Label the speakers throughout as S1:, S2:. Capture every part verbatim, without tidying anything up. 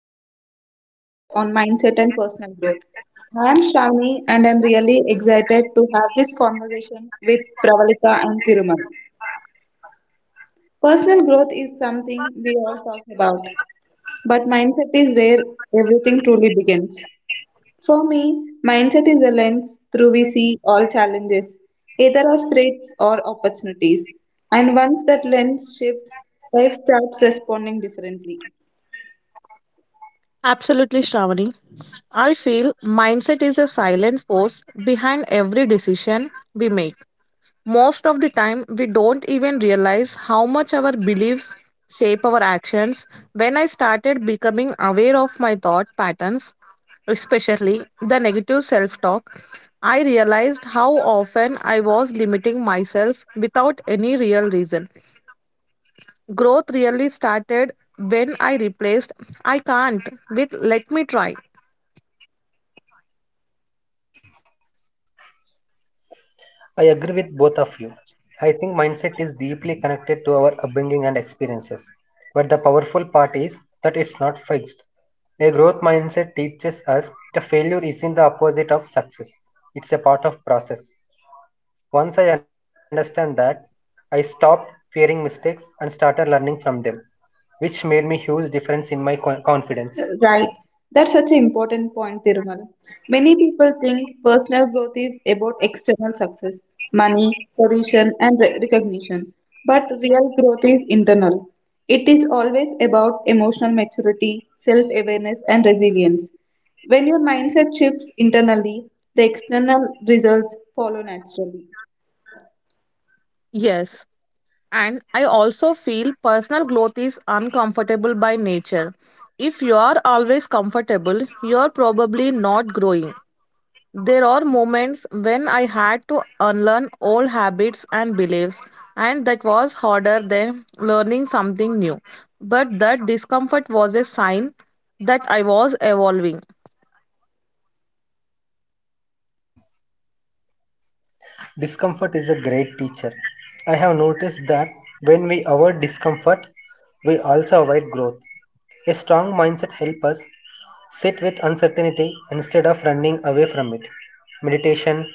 S1: to today's podcast on mindset and personal growth. I am Shravani and I'm really excited to have this conversation with Pravalika and Thirumal. Personal growth is something we all talk about, but mindset is where everything truly begins. For me, mindset is a lens through we see all challenges, either as threats or opportunities. And once that lens shifts, life starts responding differently.
S2: Absolutely, Shravani. I feel mindset is a silent force behind every decision we make. Most of the time, we don't even realize how much our beliefs shape our actions. When I started becoming aware of my thought patterns, especially the negative self talk, I realized how often I was limiting myself without any real reason. Growth really started when I replaced I can't with let me try.
S3: I agree with both of you. I think mindset is deeply connected to our upbringing and experiences. But the powerful part is that it's not fixed. A growth mindset teaches us the failure isn't the opposite of success. It's a part of process. Once I understand that, I stopped fearing mistakes and started learning from them, which made me huge difference in my co- confidence.
S1: Right. That's such an important point, Thirumal. Many people think personal growth is about external success, money, position, and re- recognition. But real growth is internal. It is always about emotional maturity, self awareness, and resilience. When your mindset shifts internally, the external results follow naturally.
S2: Yes, and I also feel personal growth is uncomfortable by nature. If you are always comfortable, you're probably not growing. There are moments when I had to unlearn old habits and beliefs, and that was harder than learning something new. But that discomfort was a sign that I was evolving.
S3: Discomfort is a great teacher. I have noticed that when we avoid discomfort, we also avoid growth. A strong mindset helps us sit with uncertainty instead of running away from it. Meditation,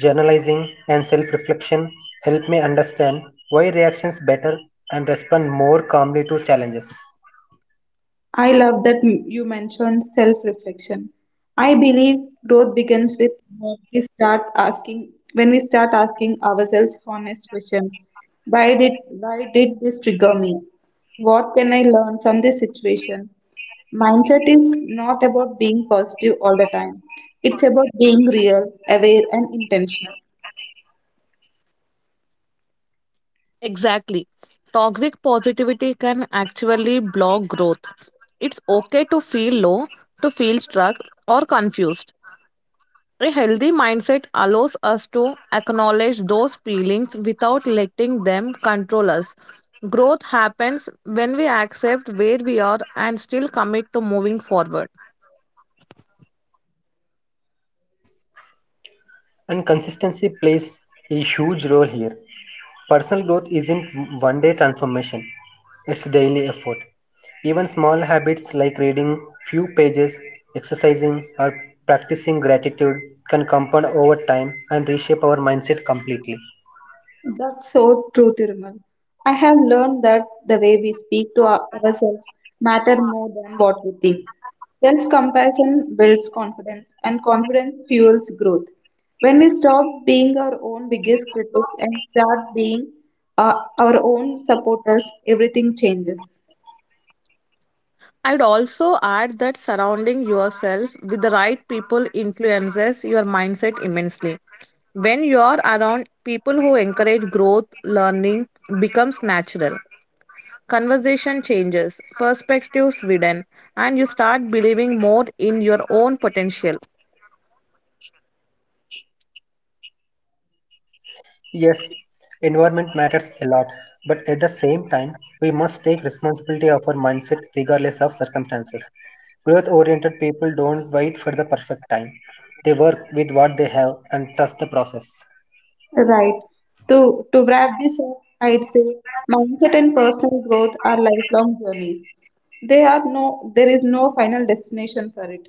S3: journalizing, and self reflection help me understand why reactions better and respond more calmly to challenges.
S1: I love that m- you mentioned self reflection. I believe growth begins with what we start asking when we start asking ourselves honest questions. Why did why did this trigger me? What can I learn from this situation? Mindset is not about being positive all the time. It's about being real, aware and intentional.
S2: Exactly. Toxic positivity can actually block growth. It's okay to feel low, to feel stuck, or confused. A healthy mindset allows us to acknowledge those feelings without letting them control us. Growth happens when we accept where we are and still commit to moving forward.
S3: And consistency plays a huge role here. Personal growth isn't one day transformation, it's daily effort. Even small habits like reading few pages, exercising, or practicing gratitude can compound over time and reshape our mindset completely.
S1: That's so true, Thirumal. I have learned that the way we speak to our- ourselves matter more than what we think. Self-compassion builds confidence, and confidence fuels growth. When we stop being our own biggest critics and start being uh, our own supporters, everything changes.
S2: I'd also add that surrounding yourself with the right people influences your mindset immensely. When you're around people who encourage growth, learning becomes natural. Conversation changes, perspectives widen, and you start believing more in your own potential.
S3: Yes, environment matters a lot, but at the same time, we must take responsibility of our mindset regardless of circumstances. Growth oriented people don't wait for the perfect time, they work with what they have.
S1: Right. To to wrap this up, I'd say mindset and personal growth are lifelong journeys. They are no there is no final destination for it.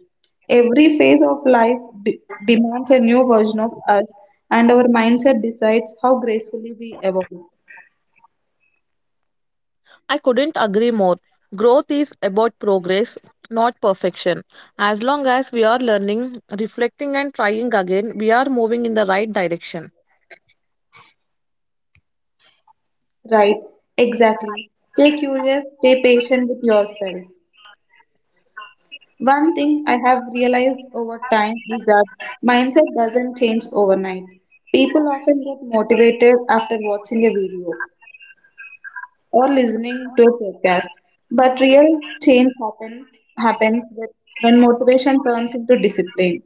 S1: Every phase of life de- demands a new version of us, and our mindset decides how gracefully we evolve.
S2: I couldn't agree more. Growth is about progress, not perfection. As long as we are learning, reflecting, and trying again, we are moving in the right direction.
S1: Right? Exactly. Stay curious, stay patient with yourself. One thing I have realized over time is that mindset doesn't change overnight. People often get motivated after watching a video or listening to a podcast, but real change happen, happens with- when motivation turns into discipline.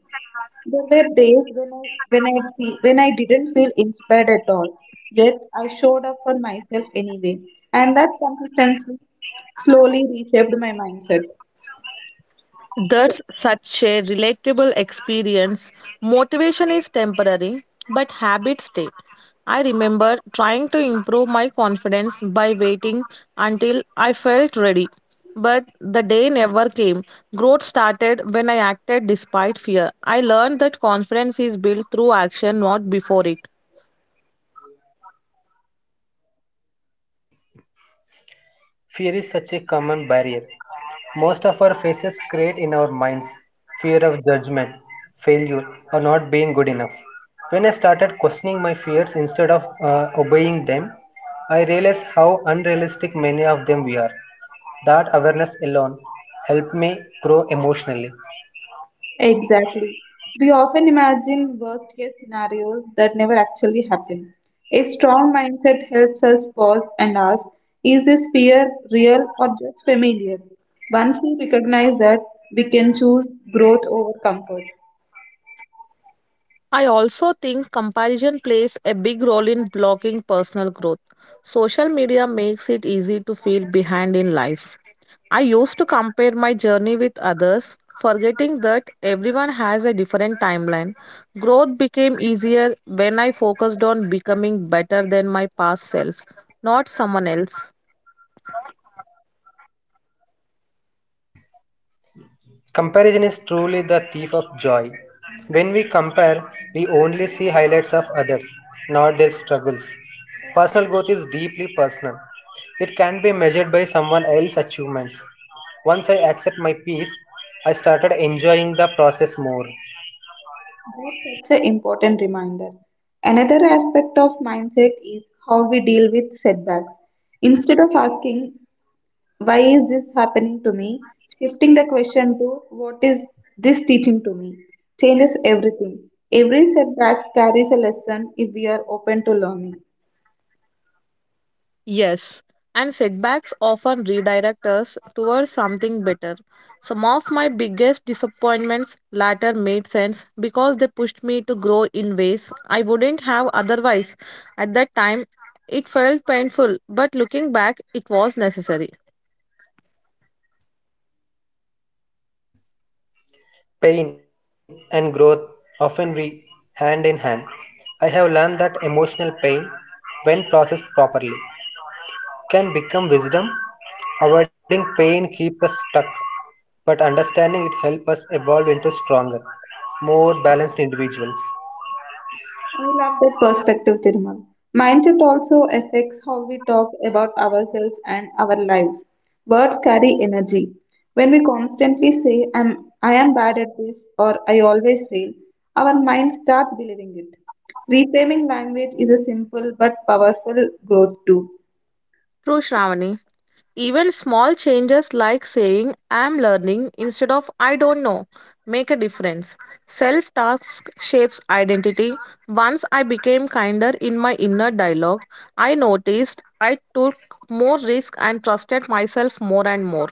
S1: There were days when I, when, I fe- when I didn't feel inspired at all, yet I showed up for myself anyway, and that consistency slowly reshaped my mindset.
S2: That's such a relatable experience. Motivation is temporary, but habits stay. I remember trying to improve my confidence by waiting until I felt ready. But the day never came. Growth started when I acted despite fear. I learned that confidence is built through action, not before it.
S3: Fear is such a common barrier. Most of our faces create in our minds fear of judgment, failure, or not being good enough. When I started questioning my fears instead of uh, obeying them, I realized how unrealistic many of them we are. That awareness alone helped me grow emotionally.
S1: Exactly. We often imagine worst case scenarios that never actually happen. A strong mindset helps us pause and ask, is this fear real or just familiar? Once we recognize that, we can choose growth over comfort.
S2: I also think comparison plays a big role in blocking personal growth. Social media makes it easy to feel behind in life. I used to compare my journey with others, forgetting that everyone has a different timeline. Growth became easier when I focused on becoming better than my past self, not someone else.
S3: Comparison is truly the thief of joy. When we compare, we only see highlights of others, not their struggles. Personal growth is deeply personal. It can be measured by someone else's achievements. Once accept my peace, I started enjoying the process more.
S1: That's such an important reminder. Another aspect of mindset is how we deal with setbacks. Instead of asking, why is this happening to me, shifting the question to what is this teaching to me changes everything. Every setback carries a lesson if we are open to learning.
S2: Yes, and setbacks often redirect us towards something better. Some of my biggest disappointments later made sense because they pushed me to grow in ways I wouldn't have otherwise. At that time, it felt painful, but looking back, it was necessary.
S3: Pain and growth often re hand in hand. I have learned that emotional pain, when processed properly, can become wisdom. Avoiding pain keeps us stuck but understanding it helps us evolve into stronger, more balanced individuals.
S1: I love that perspective, Thirumal. Mindset also affects how we talk about ourselves and our lives. Words carry energy. When we constantly say i'm i am bad at this or I always fail, our mind starts believing it. Reframing language is a simple but powerful growth tool.
S2: True, Shravani. Even small changes like saying I'm learning instead of I don't know make a difference. Self task shapes identity. Once I became kinder in my inner dialogue, I noticed I took more risk and trusted myself more and more.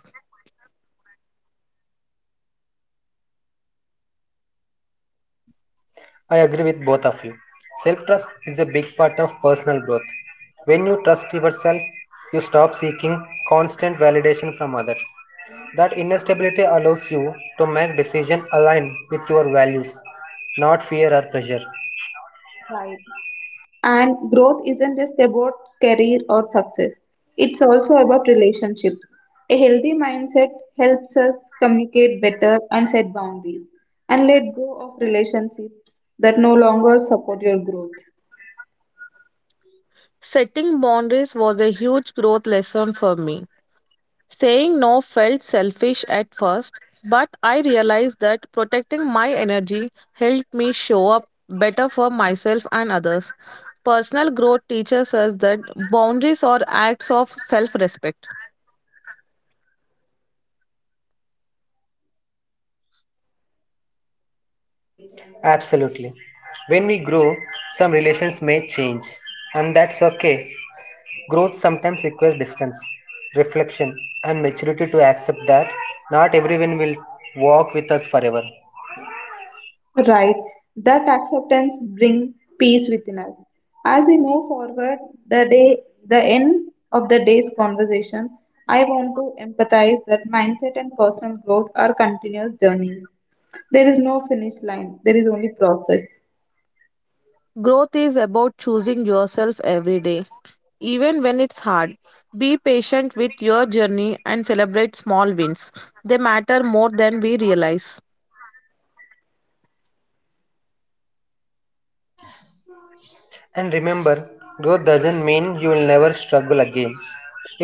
S3: I agree with both of you. Self trust is a big part of personal growth. When you trust yourself, you stop seeking constant validation from others. That inner stability allows you to make decisions aligned with your values, not fear or pressure.
S1: Right. And growth isn't just about career or success, it's also about relationships. A healthy mindset helps us communicate better and set boundaries and let go of relationships that no longer support your growth.
S2: Setting boundaries was a huge growth lesson for me. Saying no felt selfish at first, but I realized that protecting my energy helped me show up better for myself and others. Personal growth teaches us that boundaries are acts of self respect.
S3: Absolutely. When we grow, some relations may change, and that's okay. Growth sometimes requires distance, reflection, and maturity to accept that not everyone will walk with us forever.
S1: Right, that acceptance bring peace within us. As we move forward, the day, the end of the day's conversation, I want to empathize that mindset and personal growth are continuous journeys. There is no finish line. There is only process.
S2: Growth is about choosing yourself every day, even when it's hard. Be patient with your journey and celebrate small wins. They matter more than we realize.
S3: And remember, growth doesn't mean you will never struggle again.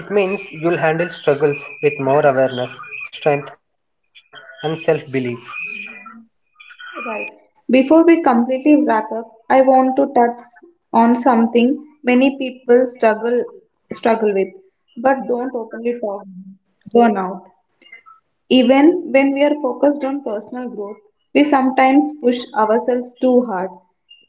S3: It means you'll handle struggles with more awareness, strength, and self belief.
S1: Right. Before we completely wrap up, I want to touch on something many people struggle struggle with, but don't openly talk, burnout. Even when we are focused on personal growth, we sometimes push ourselves too hard.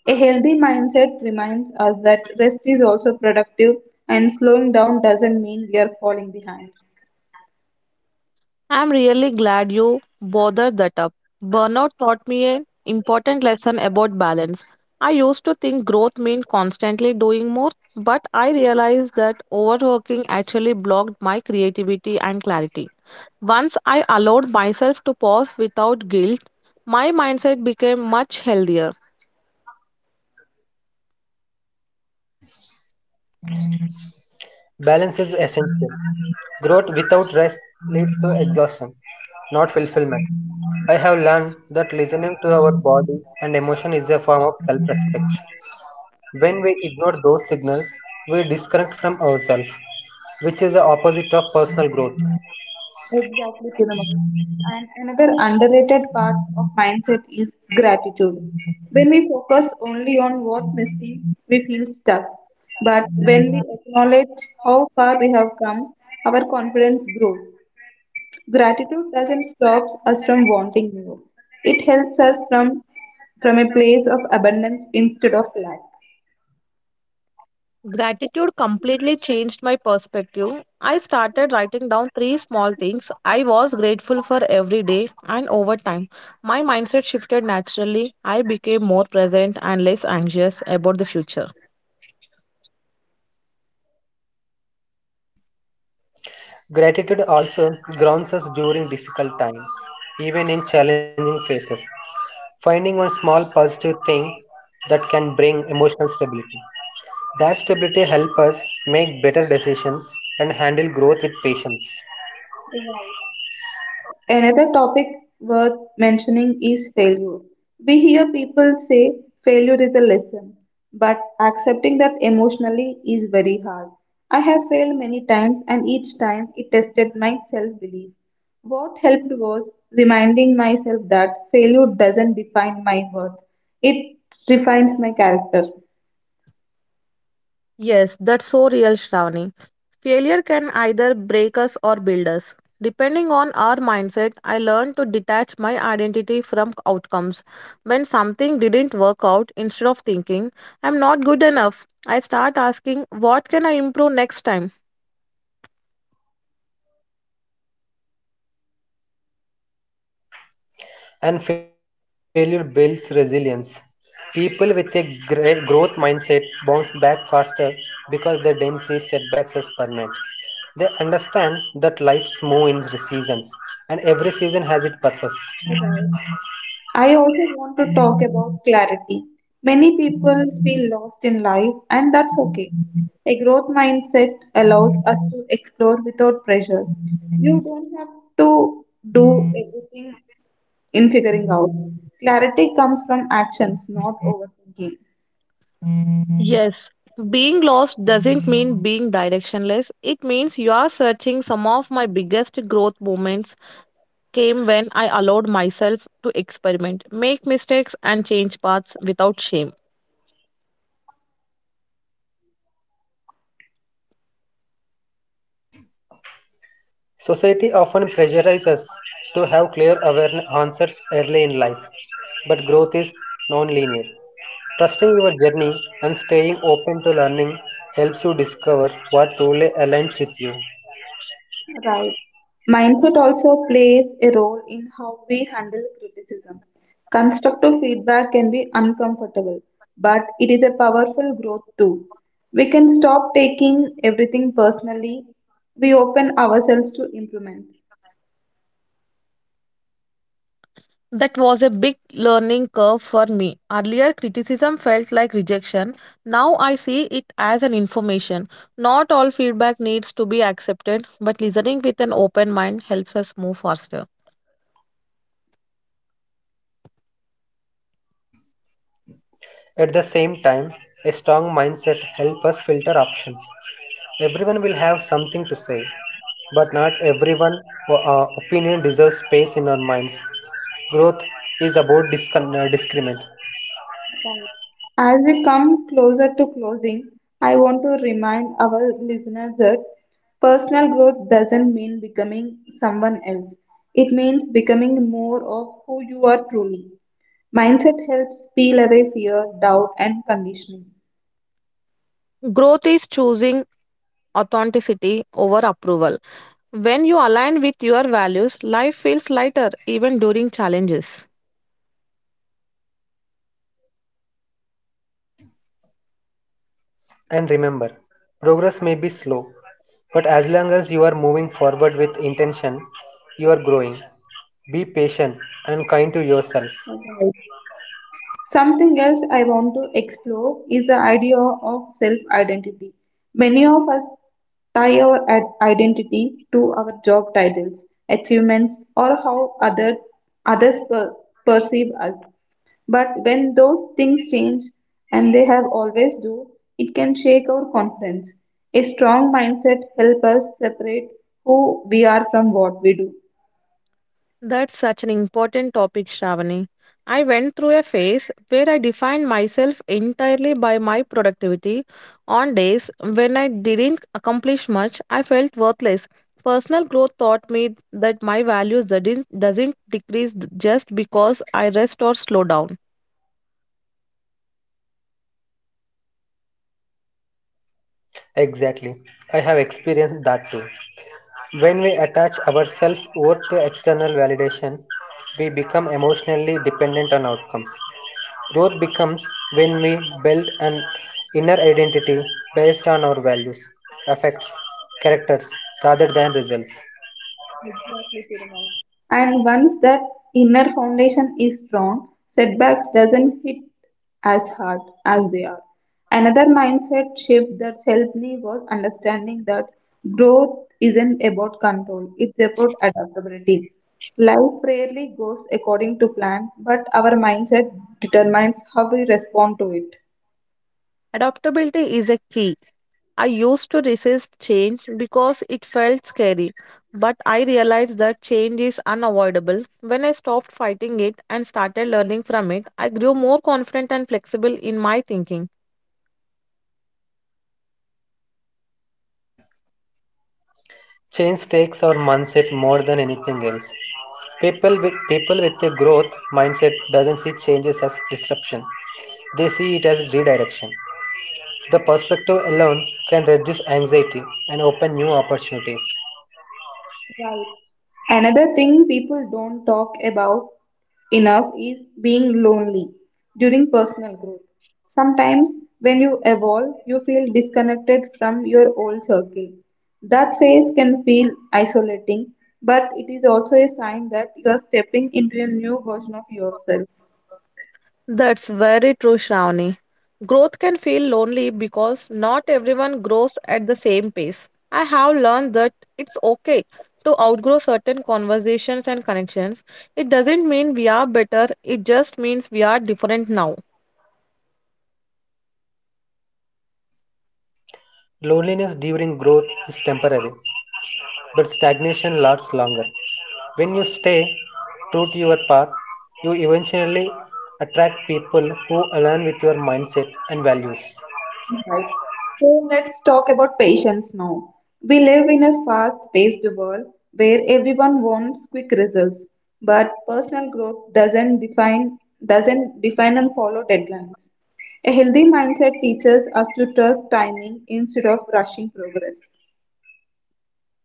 S1: A healthy mindset reminds us that rest is also productive and slowing down doesn't mean we are falling behind.
S2: I'm really glad you bothered that up. Burnout taught me an important lesson about balance. I used to think growth meant constantly doing more, but I realized that overworking actually blocked my creativity and clarity. Once I allowed myself to pause without guilt, my mindset became much healthier.
S3: Balance is essential. Growth without rest leads to exhaustion, not fulfillment. I have learned that listening to our body and emotion is a form of respect. When we ignore those signals, we disconnect from ourselves, which is the opposite of personal growth.
S1: Exactly, Thirumal. And another underrated part of mindset is gratitude. When we focus only on what's missing, we feel stuck. But when we acknowledge how far we have come, our confidence grows. Gratitude doesn't stop us from wanting more. It helps us from from a place of abundance instead of
S2: Gratitude completely changed my perspective. I started writing down three small things I was grateful for every day, and over time, my mindset shifted naturally. I became more present and less anxious about the future.
S3: Gratitude also grounds us during difficult times, even in challenging phases. Finding one small positive thing that can bring emotional stability. That stability helps us make better decisions and handle growth with patience.
S1: lack. Another topic worth mentioning is failure. We hear people say failure is a lesson, but accepting that emotionally is very hard. I have failed many times, and each time it tested my self belief. What helped was reminding myself that failure doesn't define my worth, it refines my character.
S2: Yes, that's so real, Shravani. Failure can either break us or build us. Depending on our mindset, I learned to detach my identity from outcomes. When something didn't work out, instead of thinking, I'm not good enough, I start asking, what can I improve next time?
S3: And failure builds resilience. People with a gre- growth mindset bounce back faster because they don't see setbacks as permanent. They understand that life's move in seasons and every season has its purpose.
S1: Right. I also want to talk about clarity. Many people feel lost in life, and that's okay. A growth mindset allows us to explore without pressure. You don't have to do everything in figuring out. Clarity comes from actions, not overthinking.
S2: Yes. Being lost doesn't mean being directionless. It means you are searching some of my biggest growth moments came when I allowed myself to experiment, make mistakes, and change paths without shame.
S3: Society often pressurizes us to have clear awareness answers early in life, but growth is non-linear. Trusting your journey and staying open to learning helps you discover what truly aligns with you.
S1: Right. Mindset also plays a role in how we handle criticism. Constructive feedback can be uncomfortable, but it is a powerful growth tool. We can stop taking everything personally. We open ourselves to improvement.
S2: That was a big learning curve for me. Earlier, criticism felt like rejection. Now I see it as an information. Not all feedback needs to be accepted, but listening with an open mind helps us move faster.
S3: At the same time, a strong mindset helps us filter options. Everyone will have something to say, but not everyone o- uh, opinion deserves space in our minds. Growth is about discon- uh, discernment.
S1: Right. As we come closer to closing, I want to remind our listeners that personal growth doesn't mean becoming someone else. It means becoming more of who you are truly. Mindset helps peel away fear, doubt, and conditioning.
S2: Growth is choosing authenticity over approval. When you align with your values, life feels lighter even during challenges.
S3: And remember, progress may be slow, but as long as you are moving forward with intention, you are growing. Be patient and kind to yourself.
S1: Alright. Something else I want to explore is the idea of self identity. Many of us tie our ad- identity to our job titles, achievements, or how others, others per- perceive us. But when those things change, and they have always do, it can shake our confidence. A strong mindset helps us separate who we are from what we do.
S2: That's such an important topic, Shravani. I went through a phase where I defined myself entirely by my productivity. On days when I didn't accomplish much, I felt worthless. Personal growth taught me that my values doesn't, doesn't decrease just because I rest or slow down.
S3: Exactly. I have experienced that too. When we attach ourselves over to external validation, we become emotionally dependent on outcomes. Growth becomes when we build an inner identity based on our values, affects, characters rather than results.
S1: Exactly, Thirumal. And once that inner foundation is strong, setbacks doesn't hit as hard as they are. Another mindset shift that helped me was understanding that growth isn't about control, it's about adaptability. Life rarely goes according to plan, but our mindset determines how we respond to it.
S2: Adaptability is a key. I used to resist change because it felt scary, but I realized that change is unavoidable. When I stopped fighting it and started learning from it, I grew more confident and flexible in my thinking.
S3: Change takes our mindset more than anything else. People with people with a growth mindset doesn't see changes as disruption. They see it as redirection. The perspective alone can reduce anxiety and open new opportunities.
S1: Right. Another thing people don't talk about enough is being lonely during personal growth. Sometimes, when you evolve, you feel disconnected from your old circle. That phase can feel isolating, but it is also a sign that you are stepping into a new version of yourself.
S2: That's very true, Shravani. Growth can feel lonely because not everyone grows at the same pace. I have learned that it's okay to outgrow certain conversations and connections. It doesn't mean we are better, it just means we are different now.
S3: Loneliness during growth is temporary, but stagnation lasts longer. When you stay true to your path, you eventually attract people who align with your mindset and values.
S1: Right. So let's talk about patience now. We live in a fast paced world where everyone wants quick results, but personal growth doesn't define doesn't define and follow deadlines. A healthy mindset teaches us to trust timing instead of rushing progress.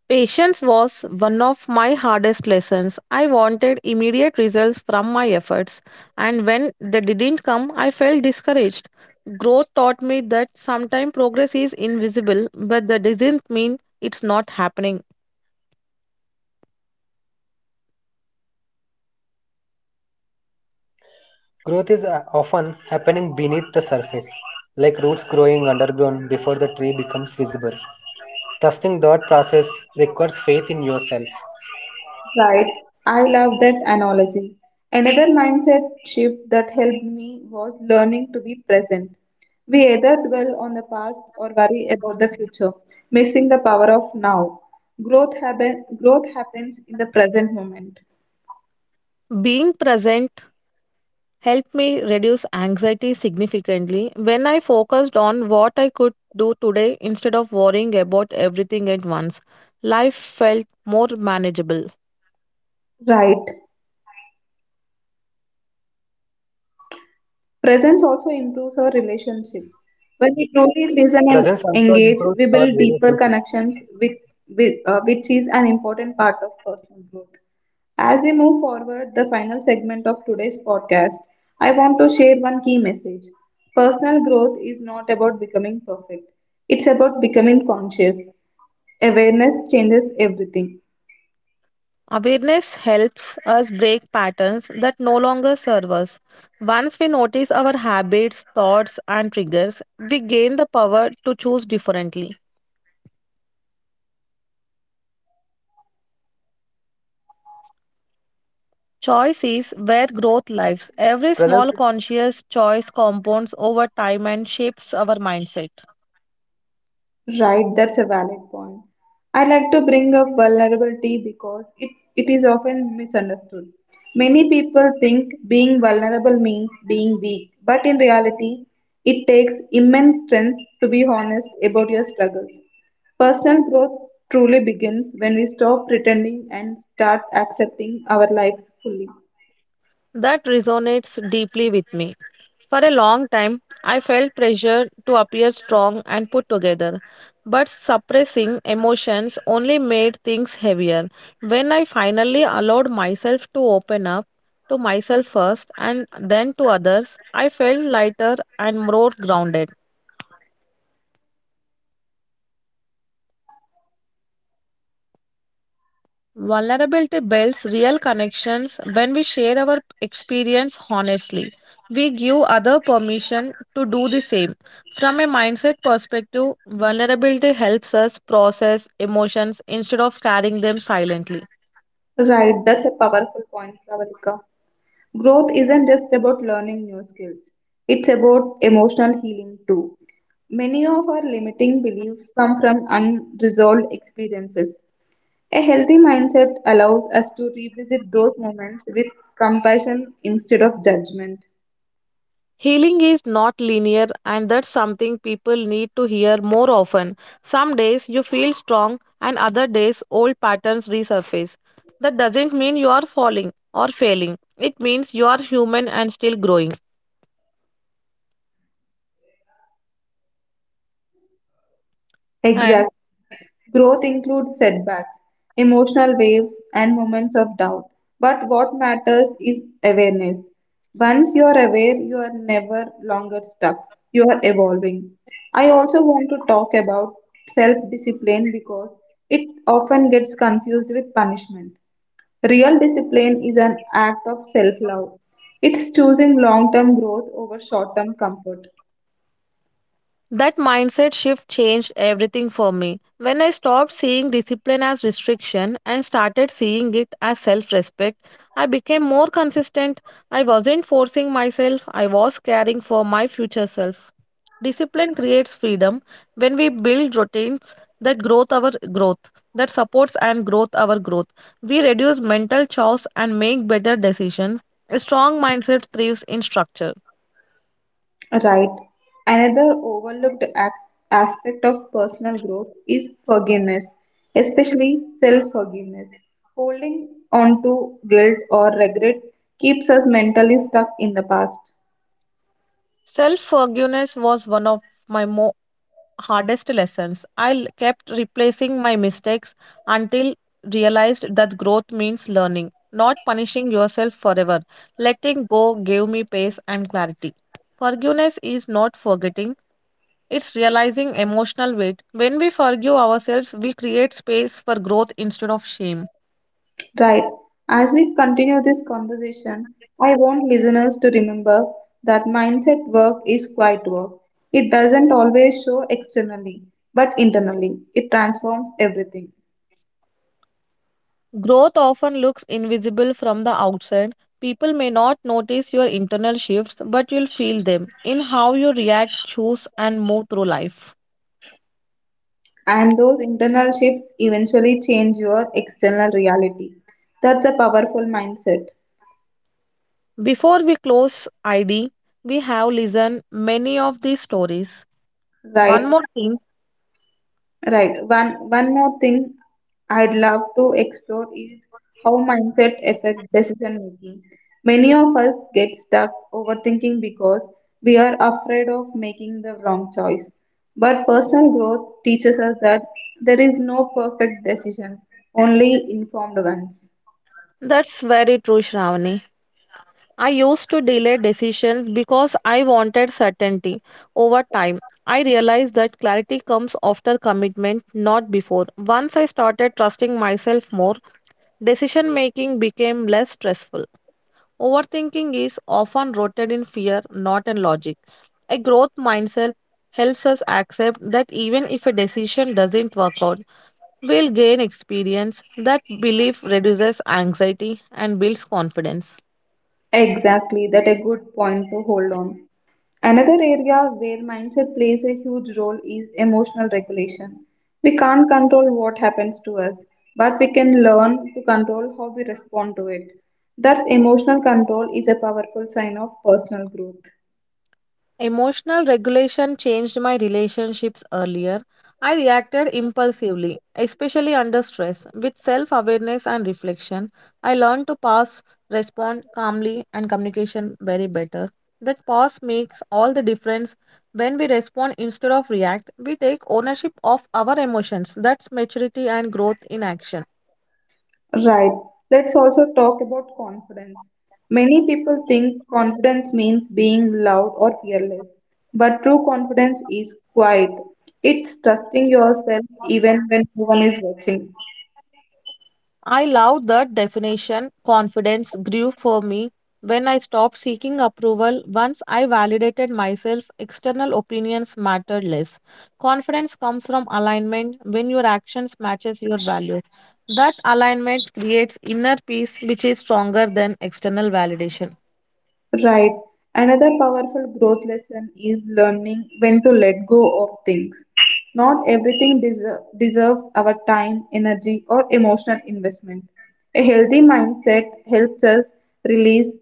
S2: Patience was one of my hardest lessons. I wanted immediate results from my efforts, and when they didn't come, I felt discouraged. Growth taught me that sometimes progress is invisible, but that doesn't mean it's not happening.
S3: Growth is uh, often happening beneath the surface, like roots growing underground before the tree becomes visible. Trusting that process requires faith in yourself.
S1: Right. I love that analogy. Another mindset shift that helped me was learning to be present. We either dwell on the past or worry about the future, missing the power of now. Growth, happen- growth happens in the present moment.
S2: Being present helped me reduce anxiety significantly when I focused on what I could do today instead of worrying about everything at once. Life felt more manageable.
S1: Right. Presence also improves our
S3: Presence also
S1: relationships.
S3: improves
S1: When
S3: our
S1: we truly
S3: relationship.
S1: listen and engage, we build deeper connections, with, with, uh, which is an important part of personal growth. As we move forward, the final segment of today's podcast, I want to share one key message. Personal growth is not about becoming perfect, it's about becoming conscious. Awareness changes everything.
S2: Awareness helps us break patterns that no longer serve us. Once we notice our habits, thoughts, and triggers, we gain the power to choose differently. Choice is where growth lives.
S3: Presence
S2: Every small conscious choice compounds over time and shapes our mindset.
S1: Right, that's a valid point. I like to bring up vulnerability because it, it is often misunderstood. Many people think being vulnerable means being weak, but in reality, it takes immense strength to be honest about your struggles. Personal growth truly begins when we stop pretending and start accepting our lives fully.
S2: That resonates deeply with me. For a long time, I felt pressure to appear strong and put together, but suppressing emotions only made things heavier. When I finally allowed myself to open up to myself first and then to others, I felt lighter and more grounded. Vulnerability builds real connections when we share our experience honestly. We give other permission to do the same. From a mindset perspective, vulnerability helps us process emotions instead of carrying them silently.
S1: Right, that's a powerful point, Pravalika. Growth isn't just about learning new skills, it's about emotional healing too. Many of our limiting beliefs come from unresolved experiences. A healthy mindset allows us to revisit those moments with compassion instead of judgment.
S2: Healing is not linear, and that's something people need to hear more often. Some days you feel strong, and other days old patterns resurface. That doesn't mean you are falling or failing, it means you are human and still growing. And
S1: Exactly. Growth includes setbacks, emotional waves, and moments of doubt. But what matters is awareness. Once you are aware, you are never longer stuck. You are evolving. I also want to talk about self discipline because it often gets confused with punishment. Real discipline is an act of self love, it's choosing long term growth over short term comfort.
S2: that mindset shift changed everything for me. When I stopped seeing discipline as restriction and started seeing it as self respect, I became more consistent. I wasn't forcing myself, I was caring for my future self. Discipline creates freedom when we build routines that growth our growth that supports and growth our growth we reduce mental chores and make better decisions. A strong mindset thrives in structure.
S1: Right. Another overlooked as- aspect of personal growth is forgiveness, especially self forgiveness. Holding on to guilt or regret keeps us mentally stuck in the past.
S2: Self forgiveness was one of my mo- hardest lessons. I l- kept replacing my mistakes until realized that growth means learning, not punishing yourself forever. Letting go gave me pace and clarity. Forgiveness is not forgetting, it's realizing emotional weight. When we forgive ourselves, we create space for growth instead of shame.
S1: Right. As we continue this conversation, I want listeners to remember that mindset work is quiet work. It doesn't always show externally, but internally, it transforms everything.
S2: Growth often looks invisible from the outside. People may not notice your internal shifts, but you'll feel them in how you react, choose, and move through life.
S1: And those internal shifts eventually change your external reality. That's a powerful mindset.
S2: Before we close I D, we have listened many of these stories.
S1: Right,
S2: One more thing,
S1: right. One one more thing I'd love to explore is how mindset affect decision making. Many of us get stuck overthinking because we are afraid of making the wrong choice. But personal growth teaches us that there is no perfect decision, only informed ones.
S2: that's very true, Shravani. I used to delay decisions because I wanted certainty. Over time, I realized that clarity comes after commitment, not before. Once I started trusting myself more, decision making became less stressful. Overthinking is often rooted in fear, not in logic. A growth mindset helps us accept that even if a decision doesn't work out, we'll gain experience. That belief reduces anxiety and builds confidence.
S1: Exactly, that a good point to hold on. Another area where mindset plays a huge role is emotional regulation. We can't control what happens to us, but we can learn to control how we respond to it. Thus, emotional control is a powerful sign of personal growth.
S2: Emotional regulation changed my relationships earlier. I reacted impulsively, especially under stress. With self awareness and reflection, I learned to pause, respond calmly, and communication very better. That pause makes all the difference. When we respond instead of react, we take ownership of our emotions. That's maturity and growth in action.
S1: Right, let's also talk about confidence. Many people think confidence means being loud or fearless, but true confidence is quiet. It's trusting yourself even when no one is watching.
S2: I love that definition. Confidence grew for me when I stopped seeking approval. Once I validated myself, external opinions mattered less. Confidence comes from alignment when your actions matches your values. That alignment creates inner peace which is stronger than external validation.
S1: Right. Another powerful growth lesson is learning when to let go of things. Not everything deser- deserves our time, energy, or emotional investment. A healthy mindset helps us release,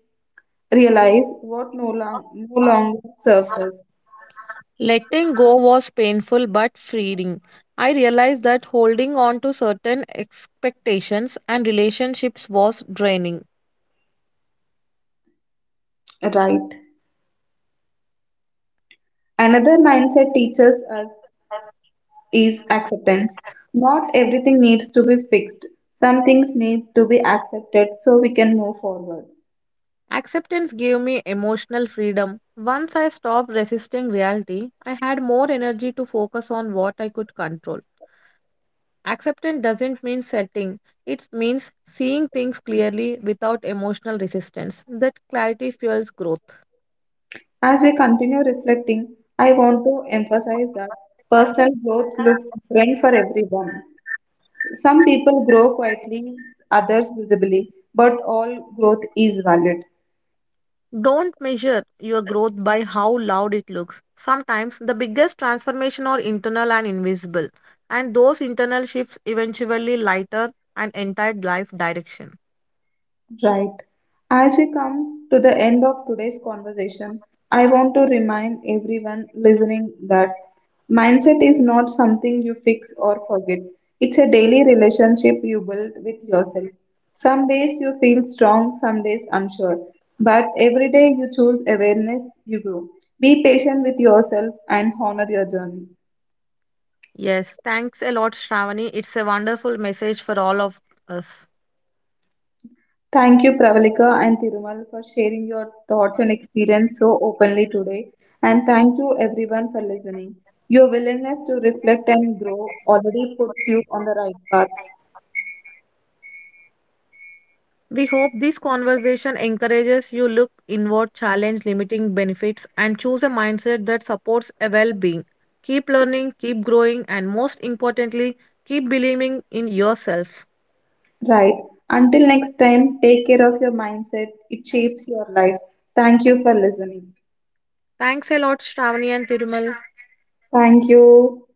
S1: realize what no, long- no longer serves us.
S2: Letting go was painful but freeing. I realized that holding on to certain expectations and relationships was draining.
S1: Right. Another mindset teaches us is acceptance. Not everything needs to be fixed. Some things need to be accepted so we can move forward.
S2: Acceptance gave me emotional freedom. Once I stopped resisting reality, I had more energy to focus on what I could control. Acceptance doesn't mean setting, it means seeing things clearly without emotional resistance. That clarity fuels growth.
S1: As we continue reflecting, I want to emphasize that personal growth looks different for everyone. Some people grow quietly, others visibly, but all growth is valid.
S2: Don't measure your growth by how loud it looks. Sometimes the biggest transformation are internal and invisible, and those internal shifts eventually lighter an entire life direction.
S1: Right. As we come to the end of today's conversation, I want to remind everyone listening that mindset is not something you fix or forget. It's a daily relationship you build with yourself. Some days you feel strong, some days unsure. But every day you choose awareness, you grow. Be patient with yourself and honor your journey.
S2: Yes, thanks a lot, Shravani. It's a wonderful message for all of us.
S1: Thank you, Pravalika and Tirumal, for sharing your thoughts and experience so openly today. And thank you, everyone, for listening. Your willingness to reflect and grow already puts you on the right path.
S2: We hope this conversation encourages you look inward, challenge limiting benefits, and choose a mindset that supports a well-being. Keep learning, keep growing, and most importantly, keep believing in yourself.
S1: Right. Until next time, take care of your mindset. It shapes your life. Thank you for listening.
S2: Thanks a lot, Shravani and Tirumal.
S1: Thank you.